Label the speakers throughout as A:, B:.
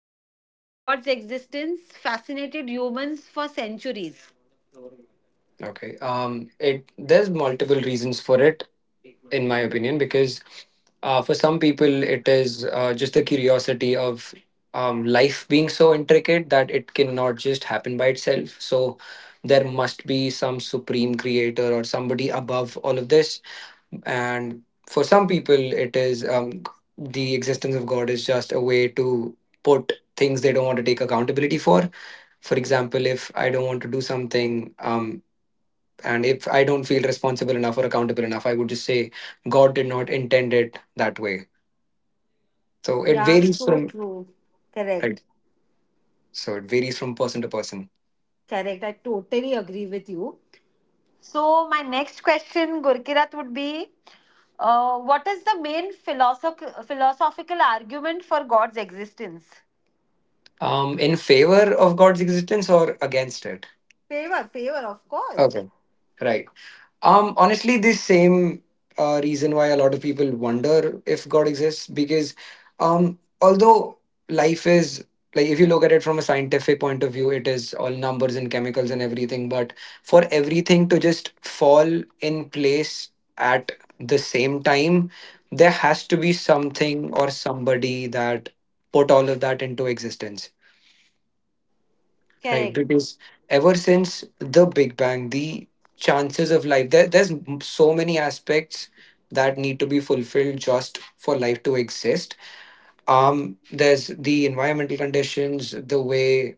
A: Has the question of God's existence fascinated humans for centuries?
B: Okay. It There's multiple reasons for it, in my opinion, because for some people it is just the curiosity of life being so intricate that it cannot just happen by itself. So there must be some supreme creator or somebody above all of this, and for some people it is the existence of God is just a way to put things they don't want to take accountability for. For example, if I don't want to do something, and if I don't feel responsible enough or accountable enough, I would just say God did not intend it that way. So it
A: Yeah,
B: varies
A: so
B: from
A: true.
B: Right.
A: Correct.
B: So it varies from person to person.
A: Correct. I totally agree with you. So my next question, Gurkirat, would be, what is the main philosophical argument for God's existence?
B: In favor of God's existence or against it?
A: Favor, favor, of
B: Okay.
A: course.
B: Right. Honestly, the same reason why a lot of people wonder if God exists, because, although life is, like, if you look at it from a scientific point of view, it is all numbers and chemicals and everything. But for everything to just fall in place at the same time, there has to be something or somebody that put all of that into existence. Right,
A: Correct.
B: because ever since the Big Bang, the chances of life, there's so many aspects that need to be fulfilled just for life to exist. There's the environmental conditions, the way,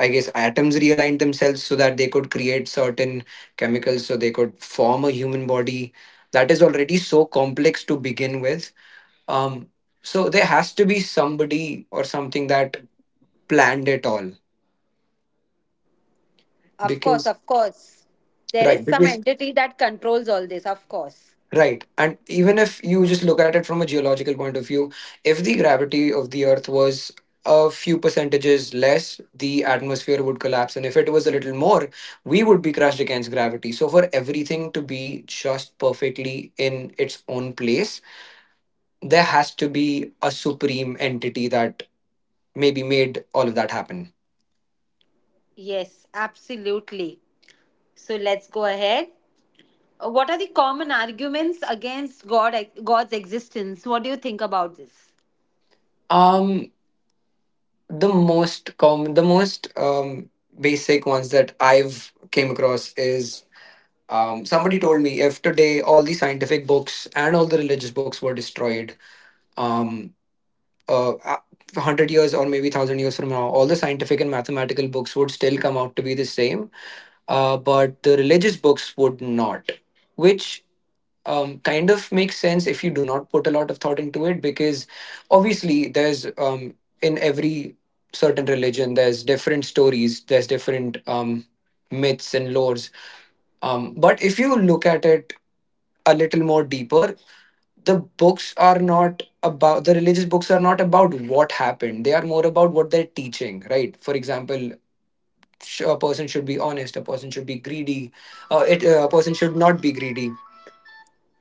B: I guess, atoms realigned themselves so that they could create certain chemicals, so they could form a human body. That is already so complex to begin with. Um, so there has to be somebody or something that planned it all,
A: Of course, of
B: because
A: course. There is
B: right.
A: some
B: because
A: entity that controls all this, of course.
B: Right. And even if you just look at it from a geological point of view, if the gravity of the Earth was a few percentages less, the atmosphere would collapse. And if it was a little more, we would be crushed against gravity. So, for everything to be just perfectly in its own place, there has to be a supreme entity that maybe made all of that happen.
A: Yes, absolutely. So let's go ahead. What are the common arguments against God's existence? What do you think about this?
B: Um, the most common, the most basic ones that I've came across is. Somebody told me if today all the scientific books and all the religious books were destroyed, um, uh, uh, 100 years or maybe 1000 years from now, all the scientific and mathematical books would still come out to be the same, but the religious books would not, which kind of makes sense if you do not put a lot of thought into it, because obviously there's, in every certain religion, there's different stories, there's different myths and lores. But if you look at it a little more deeper, the books are not about, the religious books are not about what happened, they are more about what they're teaching, right? For example, a person should be honest, a person should be greedy, a person should not be greedy,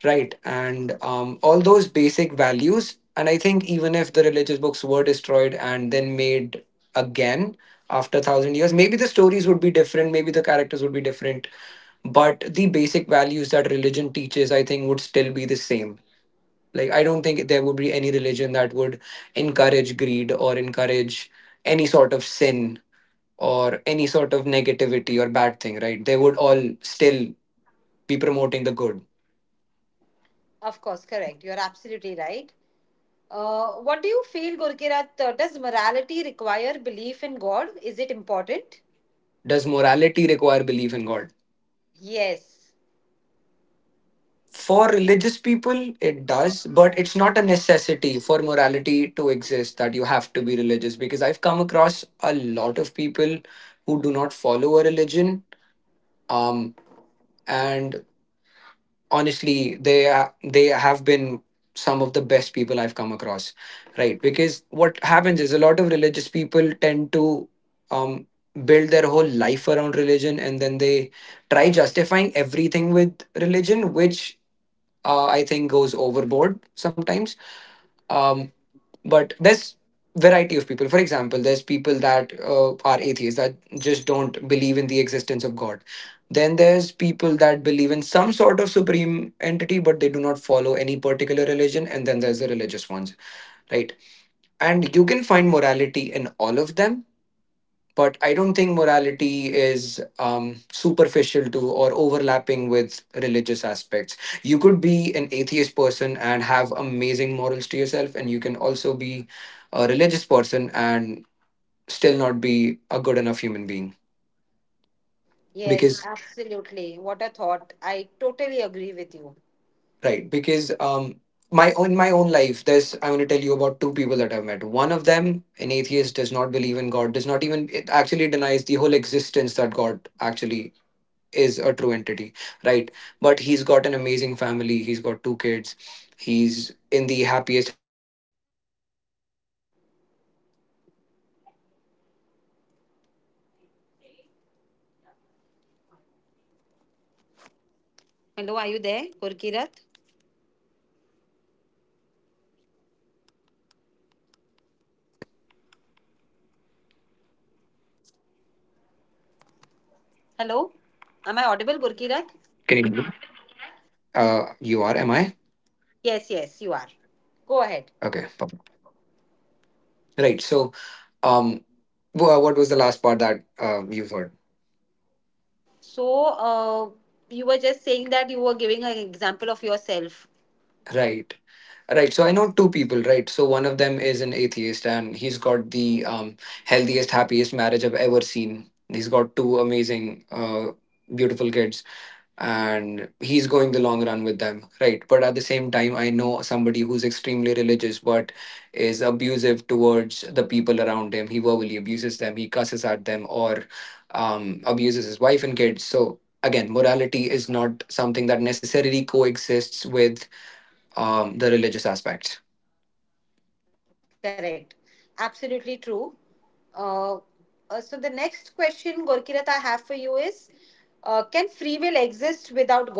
B: right? And all those basic values, and I think even if the religious books were destroyed and then made again after 1,000 years, maybe the stories would be different, maybe the characters would be different, but the basic values that religion teaches, I think, would still be the same. Like, I don't think there would be any religion that would encourage greed or encourage any sort of sin or any sort of negativity or bad thing, right? They would all still be promoting the good.
A: Of course, correct. You're absolutely right. What do you feel, Gurkirat? Does morality require belief in God? Is it important?
B: Does morality require belief in God?
A: Yes,
B: For religious people, it does, but it's not a necessity for morality to exist that you have to be religious, because I've come across a lot of people who do not follow a religion. Um, and honestly, they have been some of the best people I've come across, right? Because what happens is a lot of religious people tend to um build their whole life around religion, and then they try justifying everything with religion, which I think goes overboard sometimes. um but there's variety of people. For example, there's people that are atheists that just don't believe in the existence of God. Then there's people that believe in some sort of supreme entity, but they do not follow any particular religion. And then there's the religious ones, right? And you can find morality in all of them, but I don't think morality is superficial to or overlapping with religious aspects. You could be an atheist person and have amazing morals to yourself, and you can also be a religious person and still not be a good enough human being,
A: yes,
B: because...
A: absolutely. What a thought. I totally agree with you.
B: Right, because, my own life, there's I want to tell you about two people that I've met. One of them, an atheist, does not believe in God, does not even, it actually denies the whole existence that God actually is a true entity, right? But he's got an amazing family. He's got two kids. He's in the happiest...
A: Hello, are you there, Gurkirat? Hello, am I audible, Gurkirat?
B: Can you hear me? You are. Am I?
A: Yes, yes, you are. Go ahead.
B: Okay, perfect. Right. So, um, what was the last part that you heard?
A: So, you were just saying that you were giving an example of yourself.
B: Right. Right. So I know two people. Right. So one of them is an atheist, and he's got the healthiest, happiest marriage I've ever seen. He's got two amazing, beautiful kids, and he's going the long run with them. Right, but at the same time, I know somebody who's extremely religious but is abusive towards the people around him. He verbally abuses them, he cusses at them, or abuses his wife and kids. So again, morality is not something that necessarily coexists with the religious aspect.
A: Correct. Absolutely true. Uh, so the next question, Gurkirat, I have for you is, can free will exist without God?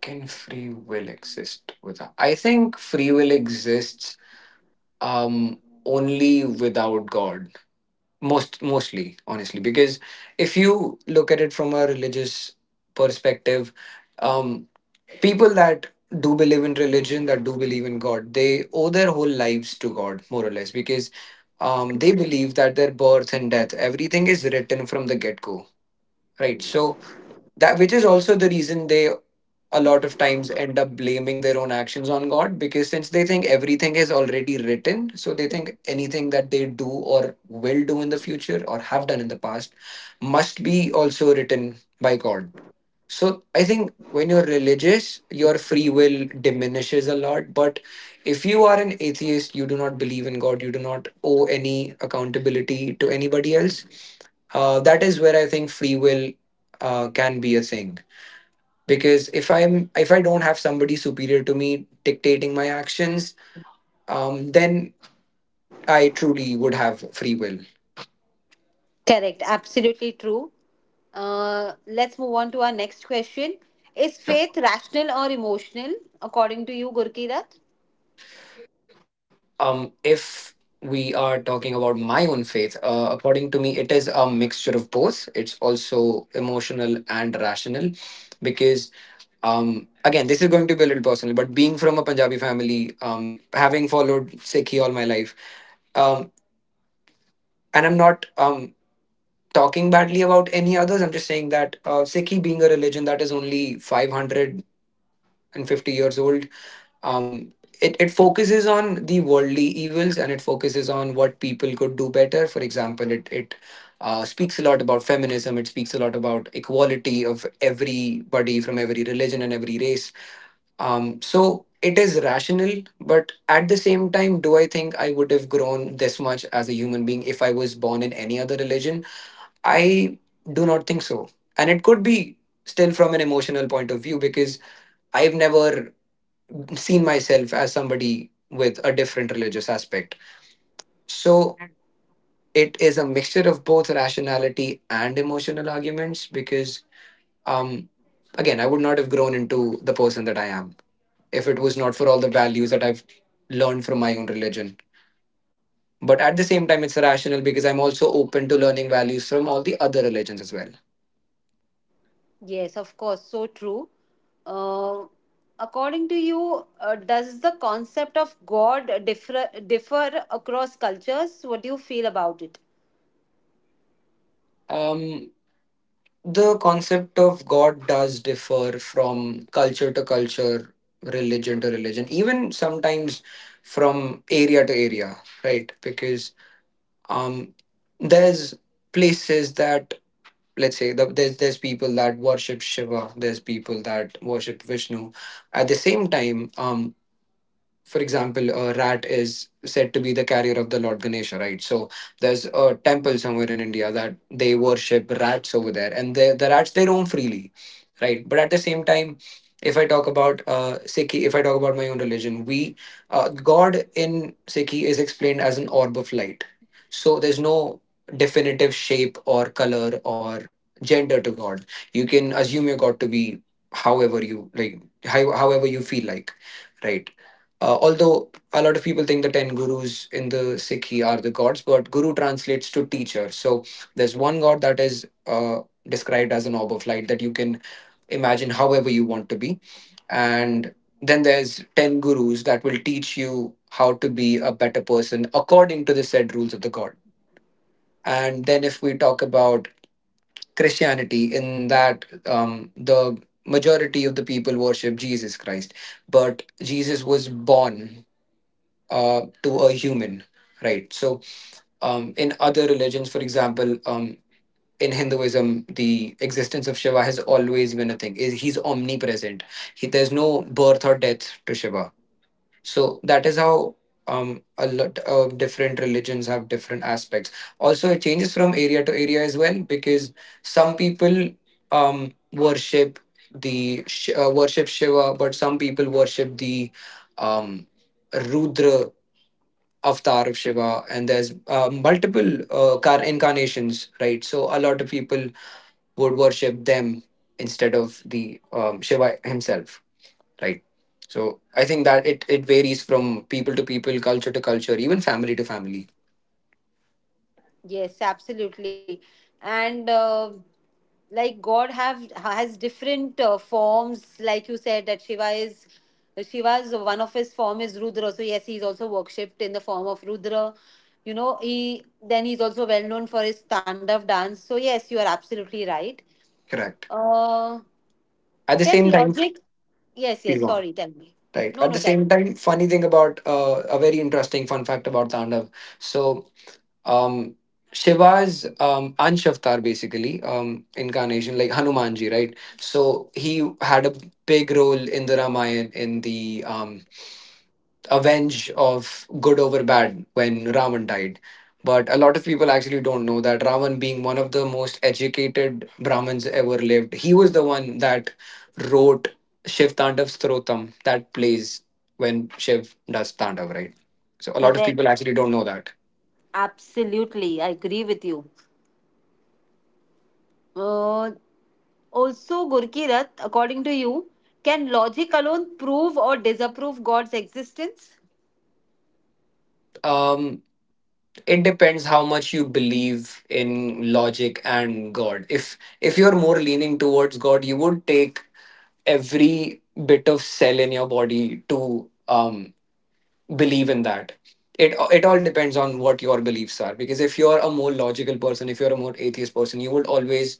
B: Can free will exist without I think free will exists only without God, mostly, honestly, because if you look at it from a religious perspective, um people that do believe in religion, that do believe in God, they owe their whole lives to God, more or less, because they believe that their birth and death, everything, is written from the get go right, so that which is also the reason they a lot of times end up blaming their own actions on God, because since they think everything is already written, so they think anything that they do or will do in the future or have done in the past must be also written by God. So I think when you're religious, your free will diminishes a lot. But if you are an atheist, you do not believe in God, you do not owe any accountability to anybody else. That is where I think free will can be a thing, because if I don't have somebody superior to me dictating my actions, then I truly would have free will.
A: Correct. Absolutely true. Let's move on to our next question. Is faith
B: Sure.
A: rational or emotional, according to you, Gurkirat?
B: If we are talking about my own faith, according to me, it is a mixture. It's also emotional and rational, because, again, this is going to be a little personal, but being from a Punjabi family, having followed Sikhi all my life, um, and I'm not talking badly about any others. I'm just saying that Sikhi being a religion that is only 550 years old, um, it focuses on the worldly evils, and it focuses on what people could do better. For example, it speaks a lot about feminism, it speaks a lot about equality of everybody from every religion and every race. So it is rational, but at the same time, do I think I would have grown this much as a human being if I was born in any other religion? I do not think so. And it could be still from an emotional point of view, because I've never seen myself as somebody with a different religious aspect. So it is a mixture of both rationality and emotional arguments, because, um, again, I would not have grown into the person that I am if it was not for all the values that I've learned from my own religion. But at the same time, it's rational because I'm also open to learning values from all the other religions as well.
A: Yes, of course. So true. Uh, according to you, does the concept of God differ across cultures? What do you feel about it?
B: Um, The concept of God does differ from culture to culture, religion to religion, even sometimes from area to area, right? Because, um, there's places that, let's say, there's people that worship Shiva, there's people that worship Vishnu. At the same time, for example, a rat is said to be the carrier of the Lord Ganesha, right? So there's a temple somewhere in India that they worship rats over there, and the rats, they roam freely, right? But at the same time, if I talk about Sikhi, if I talk about my own religion, we God in Sikhi is explained as an orb of light. So there's no definitive shape or color or gender to God. You can assume your God to be however you like, however you feel like, right? Although a lot of people think the 10 gurus in the Sikhi are the gods, but guru translates to teacher. So there's one god that is described as an orb of light that you can imagine however you want to be. And then there's 10 gurus that will teach you how to be a better person according to the said rules of the god. And then if we talk about Christianity, in that the majority of the people worship Jesus Christ, but Jesus was born to a human, right? So, in other religions, for example, in Hinduism, the existence of Shiva has always been a thing. He's omnipresent. There's no birth or death to Shiva. So that is how a lot of different religions have different aspects. Also, it changes from area to area as well because some people worship worship Shiva, but some people worship the um, Rudra avatar of Shiva, and there's multiple incarnations, right? So a lot of people would worship them instead of the Shiva himself, right? So I think that it varies from people to people, culture to culture, even family to family.
A: Yes, absolutely. And like God have has different forms, like you said that Shiva's one of his form is Rudra. So yes, he is also worshipped in the form of Rudra. You know, he then he's also well known for his Tandav dance. So yes, you are absolutely right.
B: Correct.
A: Uh,
B: At the
A: can
B: same time,
A: logic? Yes, yes.
B: Shiva.
A: Sorry, tell me.
B: Right.
A: No,
B: At the
A: no, tell
B: same
A: me.
B: time, funny thing about a very interesting fun fact about Tandav. So um Shiva's Ansh avatar, basically incarnation like Hanumanji, right? So he had a big role in the Ramayana, in the avenge of good over bad when Ravan died. But a lot of people actually don't know that Ravan, being one of the most educated Brahmins ever lived, he was the one that wrote Shiv Tandav Strotam that plays when Shiv does Tandav, right? So a lot of people
A: Correct.
B: actually don't know that.
A: Absolutely, I agree with you. Uh, Also, Gurkirath, according to you, can logic alone prove or disapprove God's existence?
B: Um it depends how much you believe in logic and god. If you're more leaning towards god, you would take every bit of cell in your body to believe in that. It all depends on what your beliefs are, because if you're a more logical person, if you're a more atheist person, you would always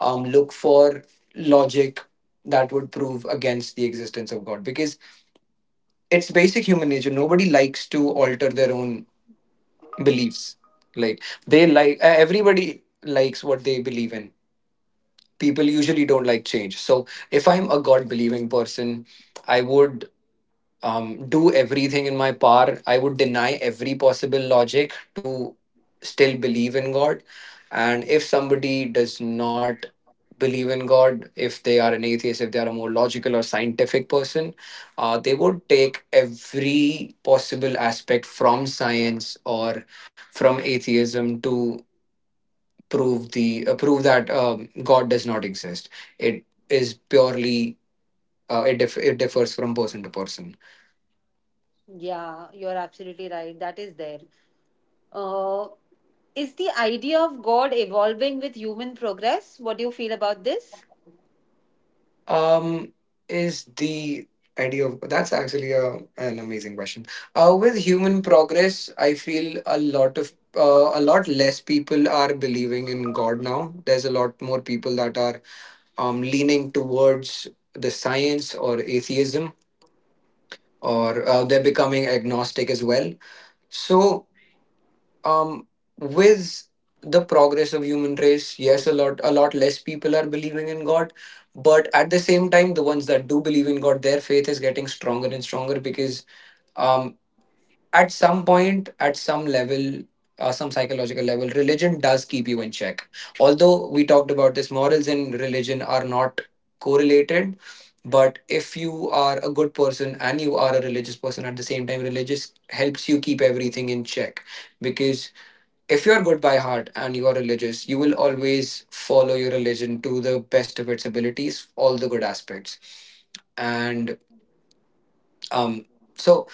B: look for logic that would prove against the existence of god, because it's basic human nature. Nobody likes to alter their own beliefs. Like they like Everybody likes what they believe in. People usually don't like change. So if I'm a god believing person, I would do everything in my power. I would deny every possible logic to still believe in God. And if somebody does not believe in God, if they are an atheist, if they are a more logical or scientific person, they would take every possible aspect from science or from atheism to prove that God does not exist. It is purely it differs from person to person.
A: Yeah, you're absolutely right. That is there. Uh, is the idea of God evolving with human progress? What do you feel about this?
B: um is the idea of, that's actually a, an amazing question. With human progress, I feel a lot of, a lot less people are believing in god now. There's a lot more people that are leaning towards the science or atheism, or they're becoming agnostic as well. So um with the progress of human race, yes, a lot less people are believing in god. But at the same time, the ones that do believe in god, their faith is getting stronger and stronger, because um at some point, at some level, some psychological level, religion does keep you in check. Although we talked about this, morals and religion are not correlated. But if you are a good person and you are a religious person at the same time, religious helps you keep everything in check, because if you're good by heart and you are religious, you will always follow your religion to the best of its abilities, all the good aspects. And um, so,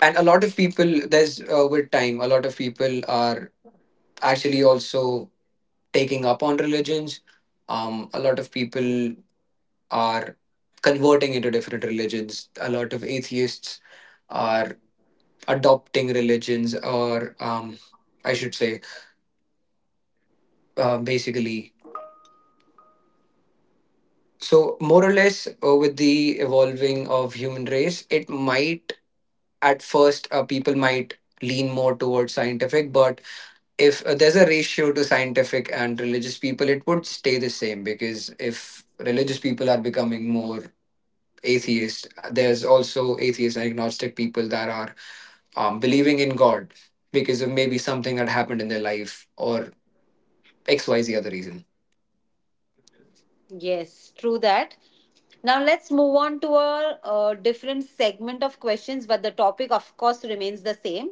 B: and a lot of people, there's with time, a lot of people are actually also taking up on religions. A lot of people are converting into different religions. A lot of atheists are adopting religions, or I should say, basically, so more or less, with the evolving of human race, it might at first, people might lean more towards scientific. But if there's a ratio to scientific and religious people, it would stay the same, because if religious people are becoming more atheist, there's also atheist and agnostic people that are believing in god because of maybe something that happened in their life, or xyz other reason.
A: Yes, true that. Now let's move on to a, uh, different segment of questions, but the topic, of course, remains the same.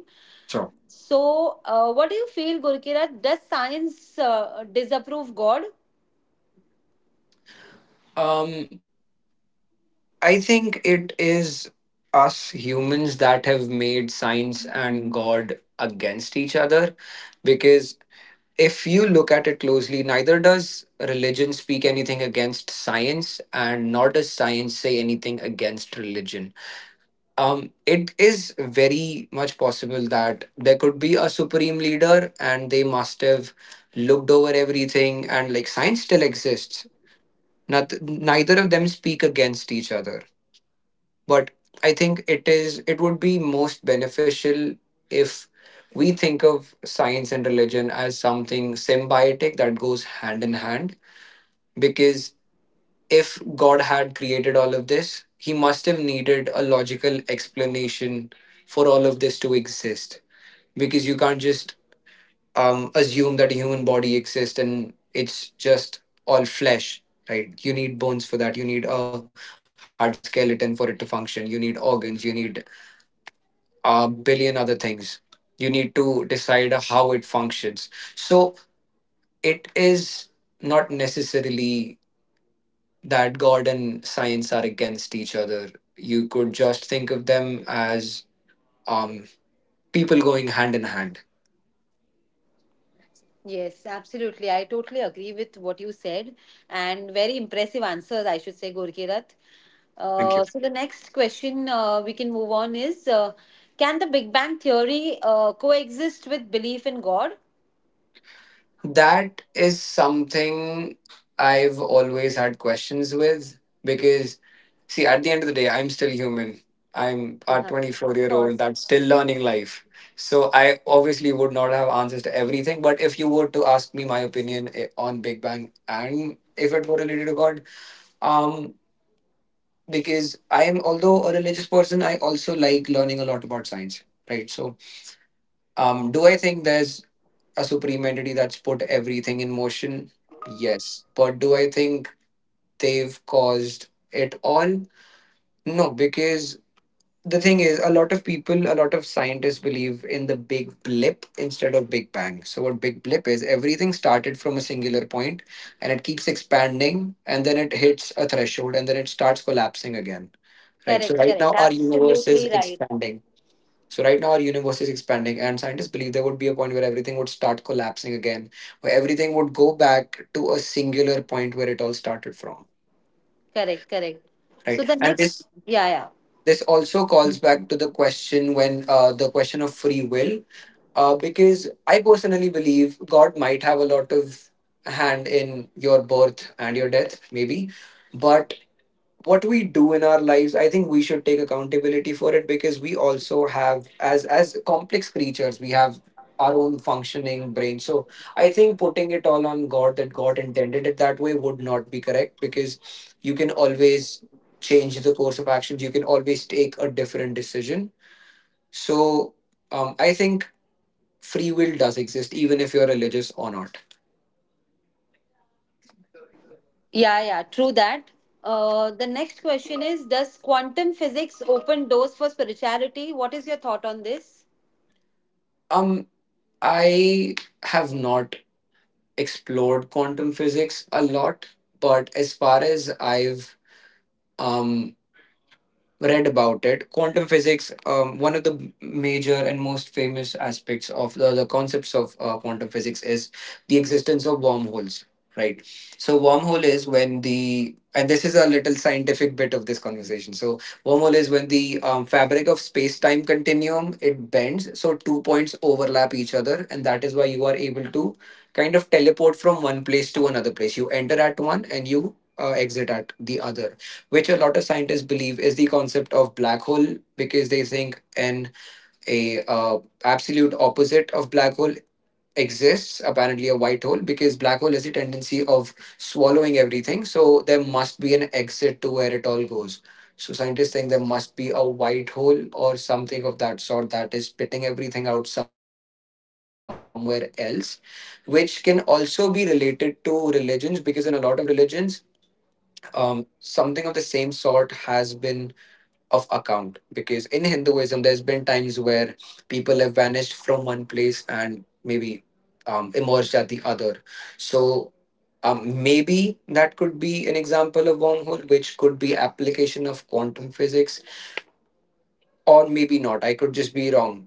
B: Sure.
A: So, what do you feel, Gurkirat? Does science disapprove God?
B: um I think it is us humans that have made science and God against each other. Because if you look at it closely, neither does religion speak anything against science, and nor does science say anything against religion. It is very much possible that there could be a supreme leader and they must have looked over everything, and like science still exists. Not, Neither of them speak against each other, but I think it is, it would be most beneficial if we think of science and religion as something symbiotic that goes hand in hand. Because if god had created all of this, he must have needed a logical explanation for all of this to exist. Because you can't just assume that a human body exists and it's just all flesh, right? You need bones for that, you need a hard skeleton for it to function, you need organs, you need a billion other things. You need to decide how it functions. So it is not necessarily that God and science are against each other. You could just think of them as um, people going hand in hand.
A: Yes, absolutely. I totally agree with what you said, and very impressive answers, I should say, Gorkirat.
B: Thank you.
A: So the next question we can move on is: can the Big Bang theory coexist with belief in God?
B: That is something I've always had questions with, because, see, at the end of the day, I'm still human. I'm a
A: Of
B: 24-year-old year old
A: course.
B: that's still learning life. So I obviously would not have answers to everything. But if you were to ask me my opinion on Big Bang and if it were related to God, um, because I am, although a religious person, I also like learning a lot about science, right? So, do I think there's a supreme entity that's put everything in motion? Yes. But do I think they've caused it all? No, because the thing is, a lot of people, a lot of scientists believe in the big blip instead of big bang. So, what big blip is, everything started from a singular point and it keeps expanding and then it hits a threshold and then it starts collapsing again. Right. So,
A: Correct.
B: right
A: Correct.
B: now, our universe
A: Absolutely
B: is
A: right.
B: expanding, and scientists believe there would be a point where everything would start collapsing again, where everything would go back to a singular point where it all started from,
A: Correct. Correct. So
B: right?
A: the
B: And
A: next, yeah, yeah,
B: this also calls back to the question when the question of free will, because I personally believe God might have a lot of hand in your birth and your death, maybe, but what we do in our lives, I think we should take accountability for it, because we also have, as complex creatures, we have our own functioning brain. So I think putting it all on god, that god intended it that way, would not be correct, because you can always change the course of actions, you can always take a different decision. So I think free will does exist, even if you're religious or not.
A: yeah, yeah. True that. The next question is: does quantum physics open doors for spirituality? What is your thought on this?
B: um I have not explored quantum physics a lot, but as far as I've um, read about it. Quantum physics, one of the major and most famous aspects of the concepts of quantum physics is the existence of wormholes, right? So, wormhole is when and this is a little scientific bit of this conversation. So, wormhole is when the fabric of space time continuum it bends, so two points overlap each other, and that is why you are able to kind of teleport from one place to another place. You enter at one and you exit at the other, which a lot of scientists believe is the concept of black hole because they think an a absolute opposite of black hole exists, apparently a white hole, because black hole has a tendency of swallowing everything, so there must be an exit to where it all goes. So scientists think there must be a white hole or something of that sort that is spitting everything out somewhere else, which can also be related to religions because in a lot of religions, something of the same sort has been. In hinduism there's been times where people have vanished from one place and maybe emerged at the other. So, maybe that could be an example of wormhole which could be application of quantum physics, or maybe not, I could just be wrong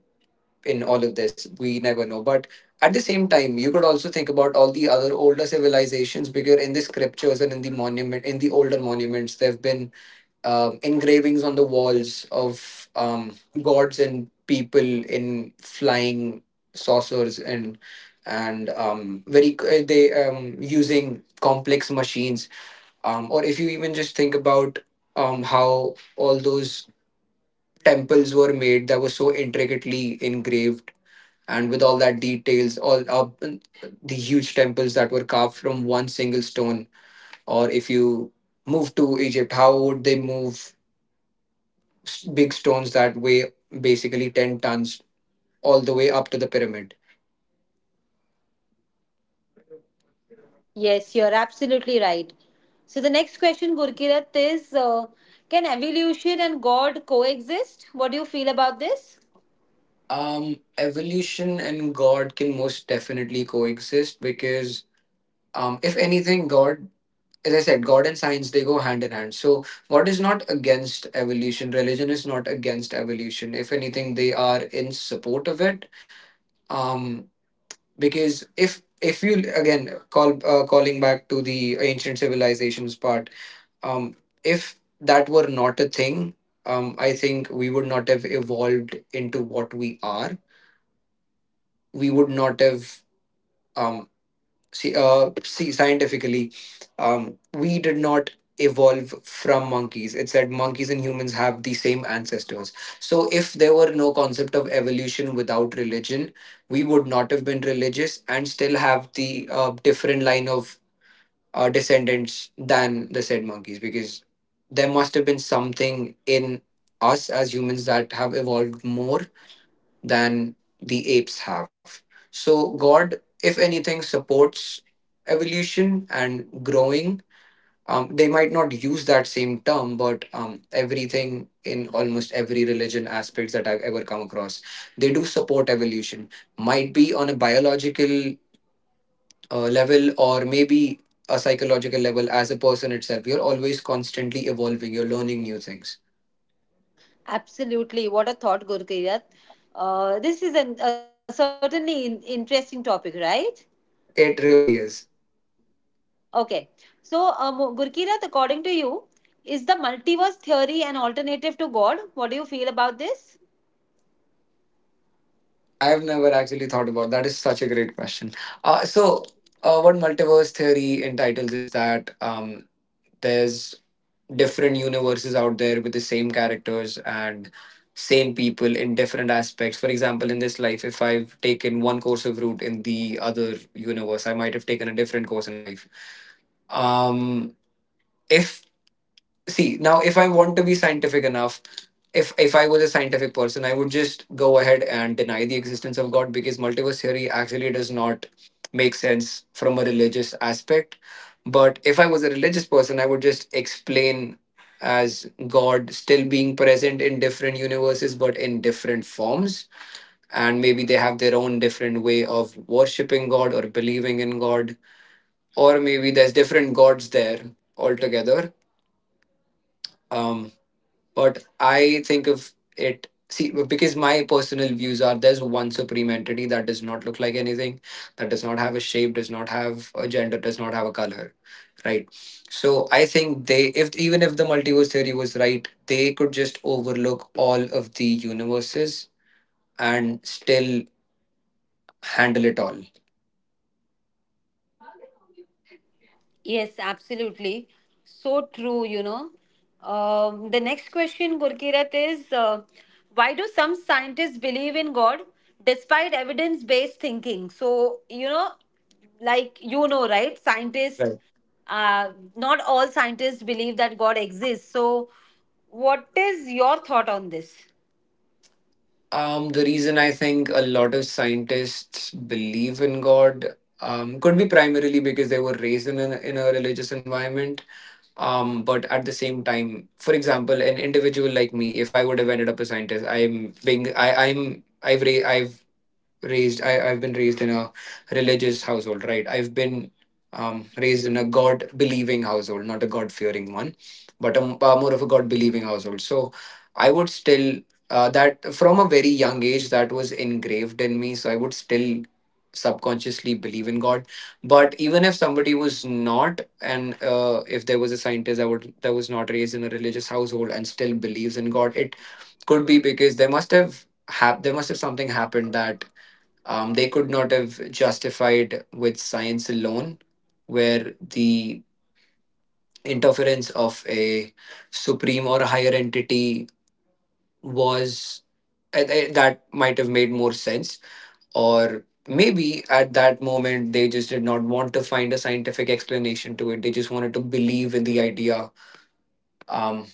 B: in all of this, we never know. But at the same time you could also think about all the other older civilizations, because in the scriptures and in the monument, in the older monuments, there have been engravings on the walls of gods and people in flying saucers and very they using complex machines. Or if you even just think about how all those temples were made that were so intricately engraved and with all that details, all up the huge temples that were carved from one single stone. Or if you move to egypt, how would they move big stones that weigh basically 10 tons all the way up to the pyramid?
A: Yes, you're absolutely right. So the next question, Gurkirat, is can evolution and God coexist? What do you feel about this?
B: Evolution and God can most definitely coexist because, if anything, God, as I said, God and science, they go hand in hand. So, God is not against evolution, religion is not against evolution. If anything, they are in support of it. Um, because if you again call calling back to the ancient civilizations part. Um, if that were not a thing, I think we would not have evolved into what we are. We would not have um, see, see scientifically, we did not evolve from monkeys. It said monkeys and humans have the same ancestors. So if there were no concept of evolution without religion, we would not have been religious and still have the different line of descendants than the said monkeys, because there must have been something in us as humans that have evolved more than the apes have. So, God, if anything, supports evolution and growing. They might not use that same term, but everything in almost every religion aspects that I've ever come across, they do support evolution. Might be on a biological level or maybe a psychological level as a person itself. You're always constantly evolving, you're learning new things.
A: Absolutely. What a thought, Gurkirat. This is a certainly interesting topic, right?
B: It really is.
A: Okay. So, Gurkirat, according to you, is the multiverse theory an alternative to God? What do you feel about this?
B: I've never actually thought about that. Is such a great question. So, what multiverse theory entitles is that there's different universes out there with the same characters and same people in different aspects. For example, in this life, if I've taken one course of route in the other universe, I might have taken a different course in life. um if, see, now if I want to be scientific enough, if I was a scientific person, I would just go ahead and deny the existence of god because multiverse theory actually does not make sense from a religious aspect. But if I was a religious person, I would just explain as god still being present in different universes but in different forms. And maybe they have their own different way of worshipping god or believing in god, or maybe there's different gods there altogether. Um but I think of it, see, because my personal views are there's one supreme entity that does not look like anything, that does not have a shape, does not have a gender, does not have a color, right? So I think they, if even if the multiverse theory was right, they could just overlook all of the universes and still handle it all.
A: Yes, absolutely. So true, you know. The next question, Gurkirat, is why do some scientists believe in God despite evidence based thinking? So, you know, like you know, right? Scientists,
B: Right.
A: not all scientists believe that God exists. So, what is your thought on this?
B: The reason I think a lot of scientists believe in God could be primarily because they were raised in a religious environment. But at the same time, for example, an individual like me, if I would have ended up a scientist, i've raised, i've been raised in a religious household, right? I've been raised in a god believing household, not a god fearing one, but more of a god believing household. So I would still that from a very young age, that was engraved in me, so I would still subconsciously believe in god. But even if somebody was not, and if there was a scientist that was not raised in a religious household and still believes in god, it could be because there must have something happened that they could not have justified with science alone, where the interference of a supreme or a higher entity was that might have made more sense. Or maybe at that moment they just did not want to find a scientific explanation to it. They just wanted to believe in the idea. Um,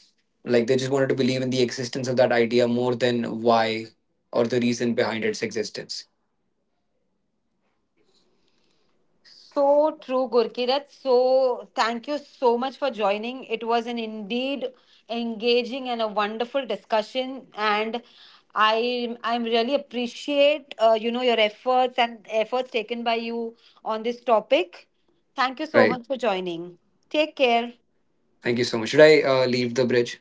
B: like they just wanted to believe in the existence of that idea more than why, or the reason behind its existence.
A: So true, Gurkirat. So thank you so much for joining. It was an indeed engaging and a wonderful discussion, and I'm really appreciate you know your efforts and efforts taken by you on this topic. Thank you so
B: Right.
A: much for joining. Take care.
B: Thank you so much. Should I leave the bridge?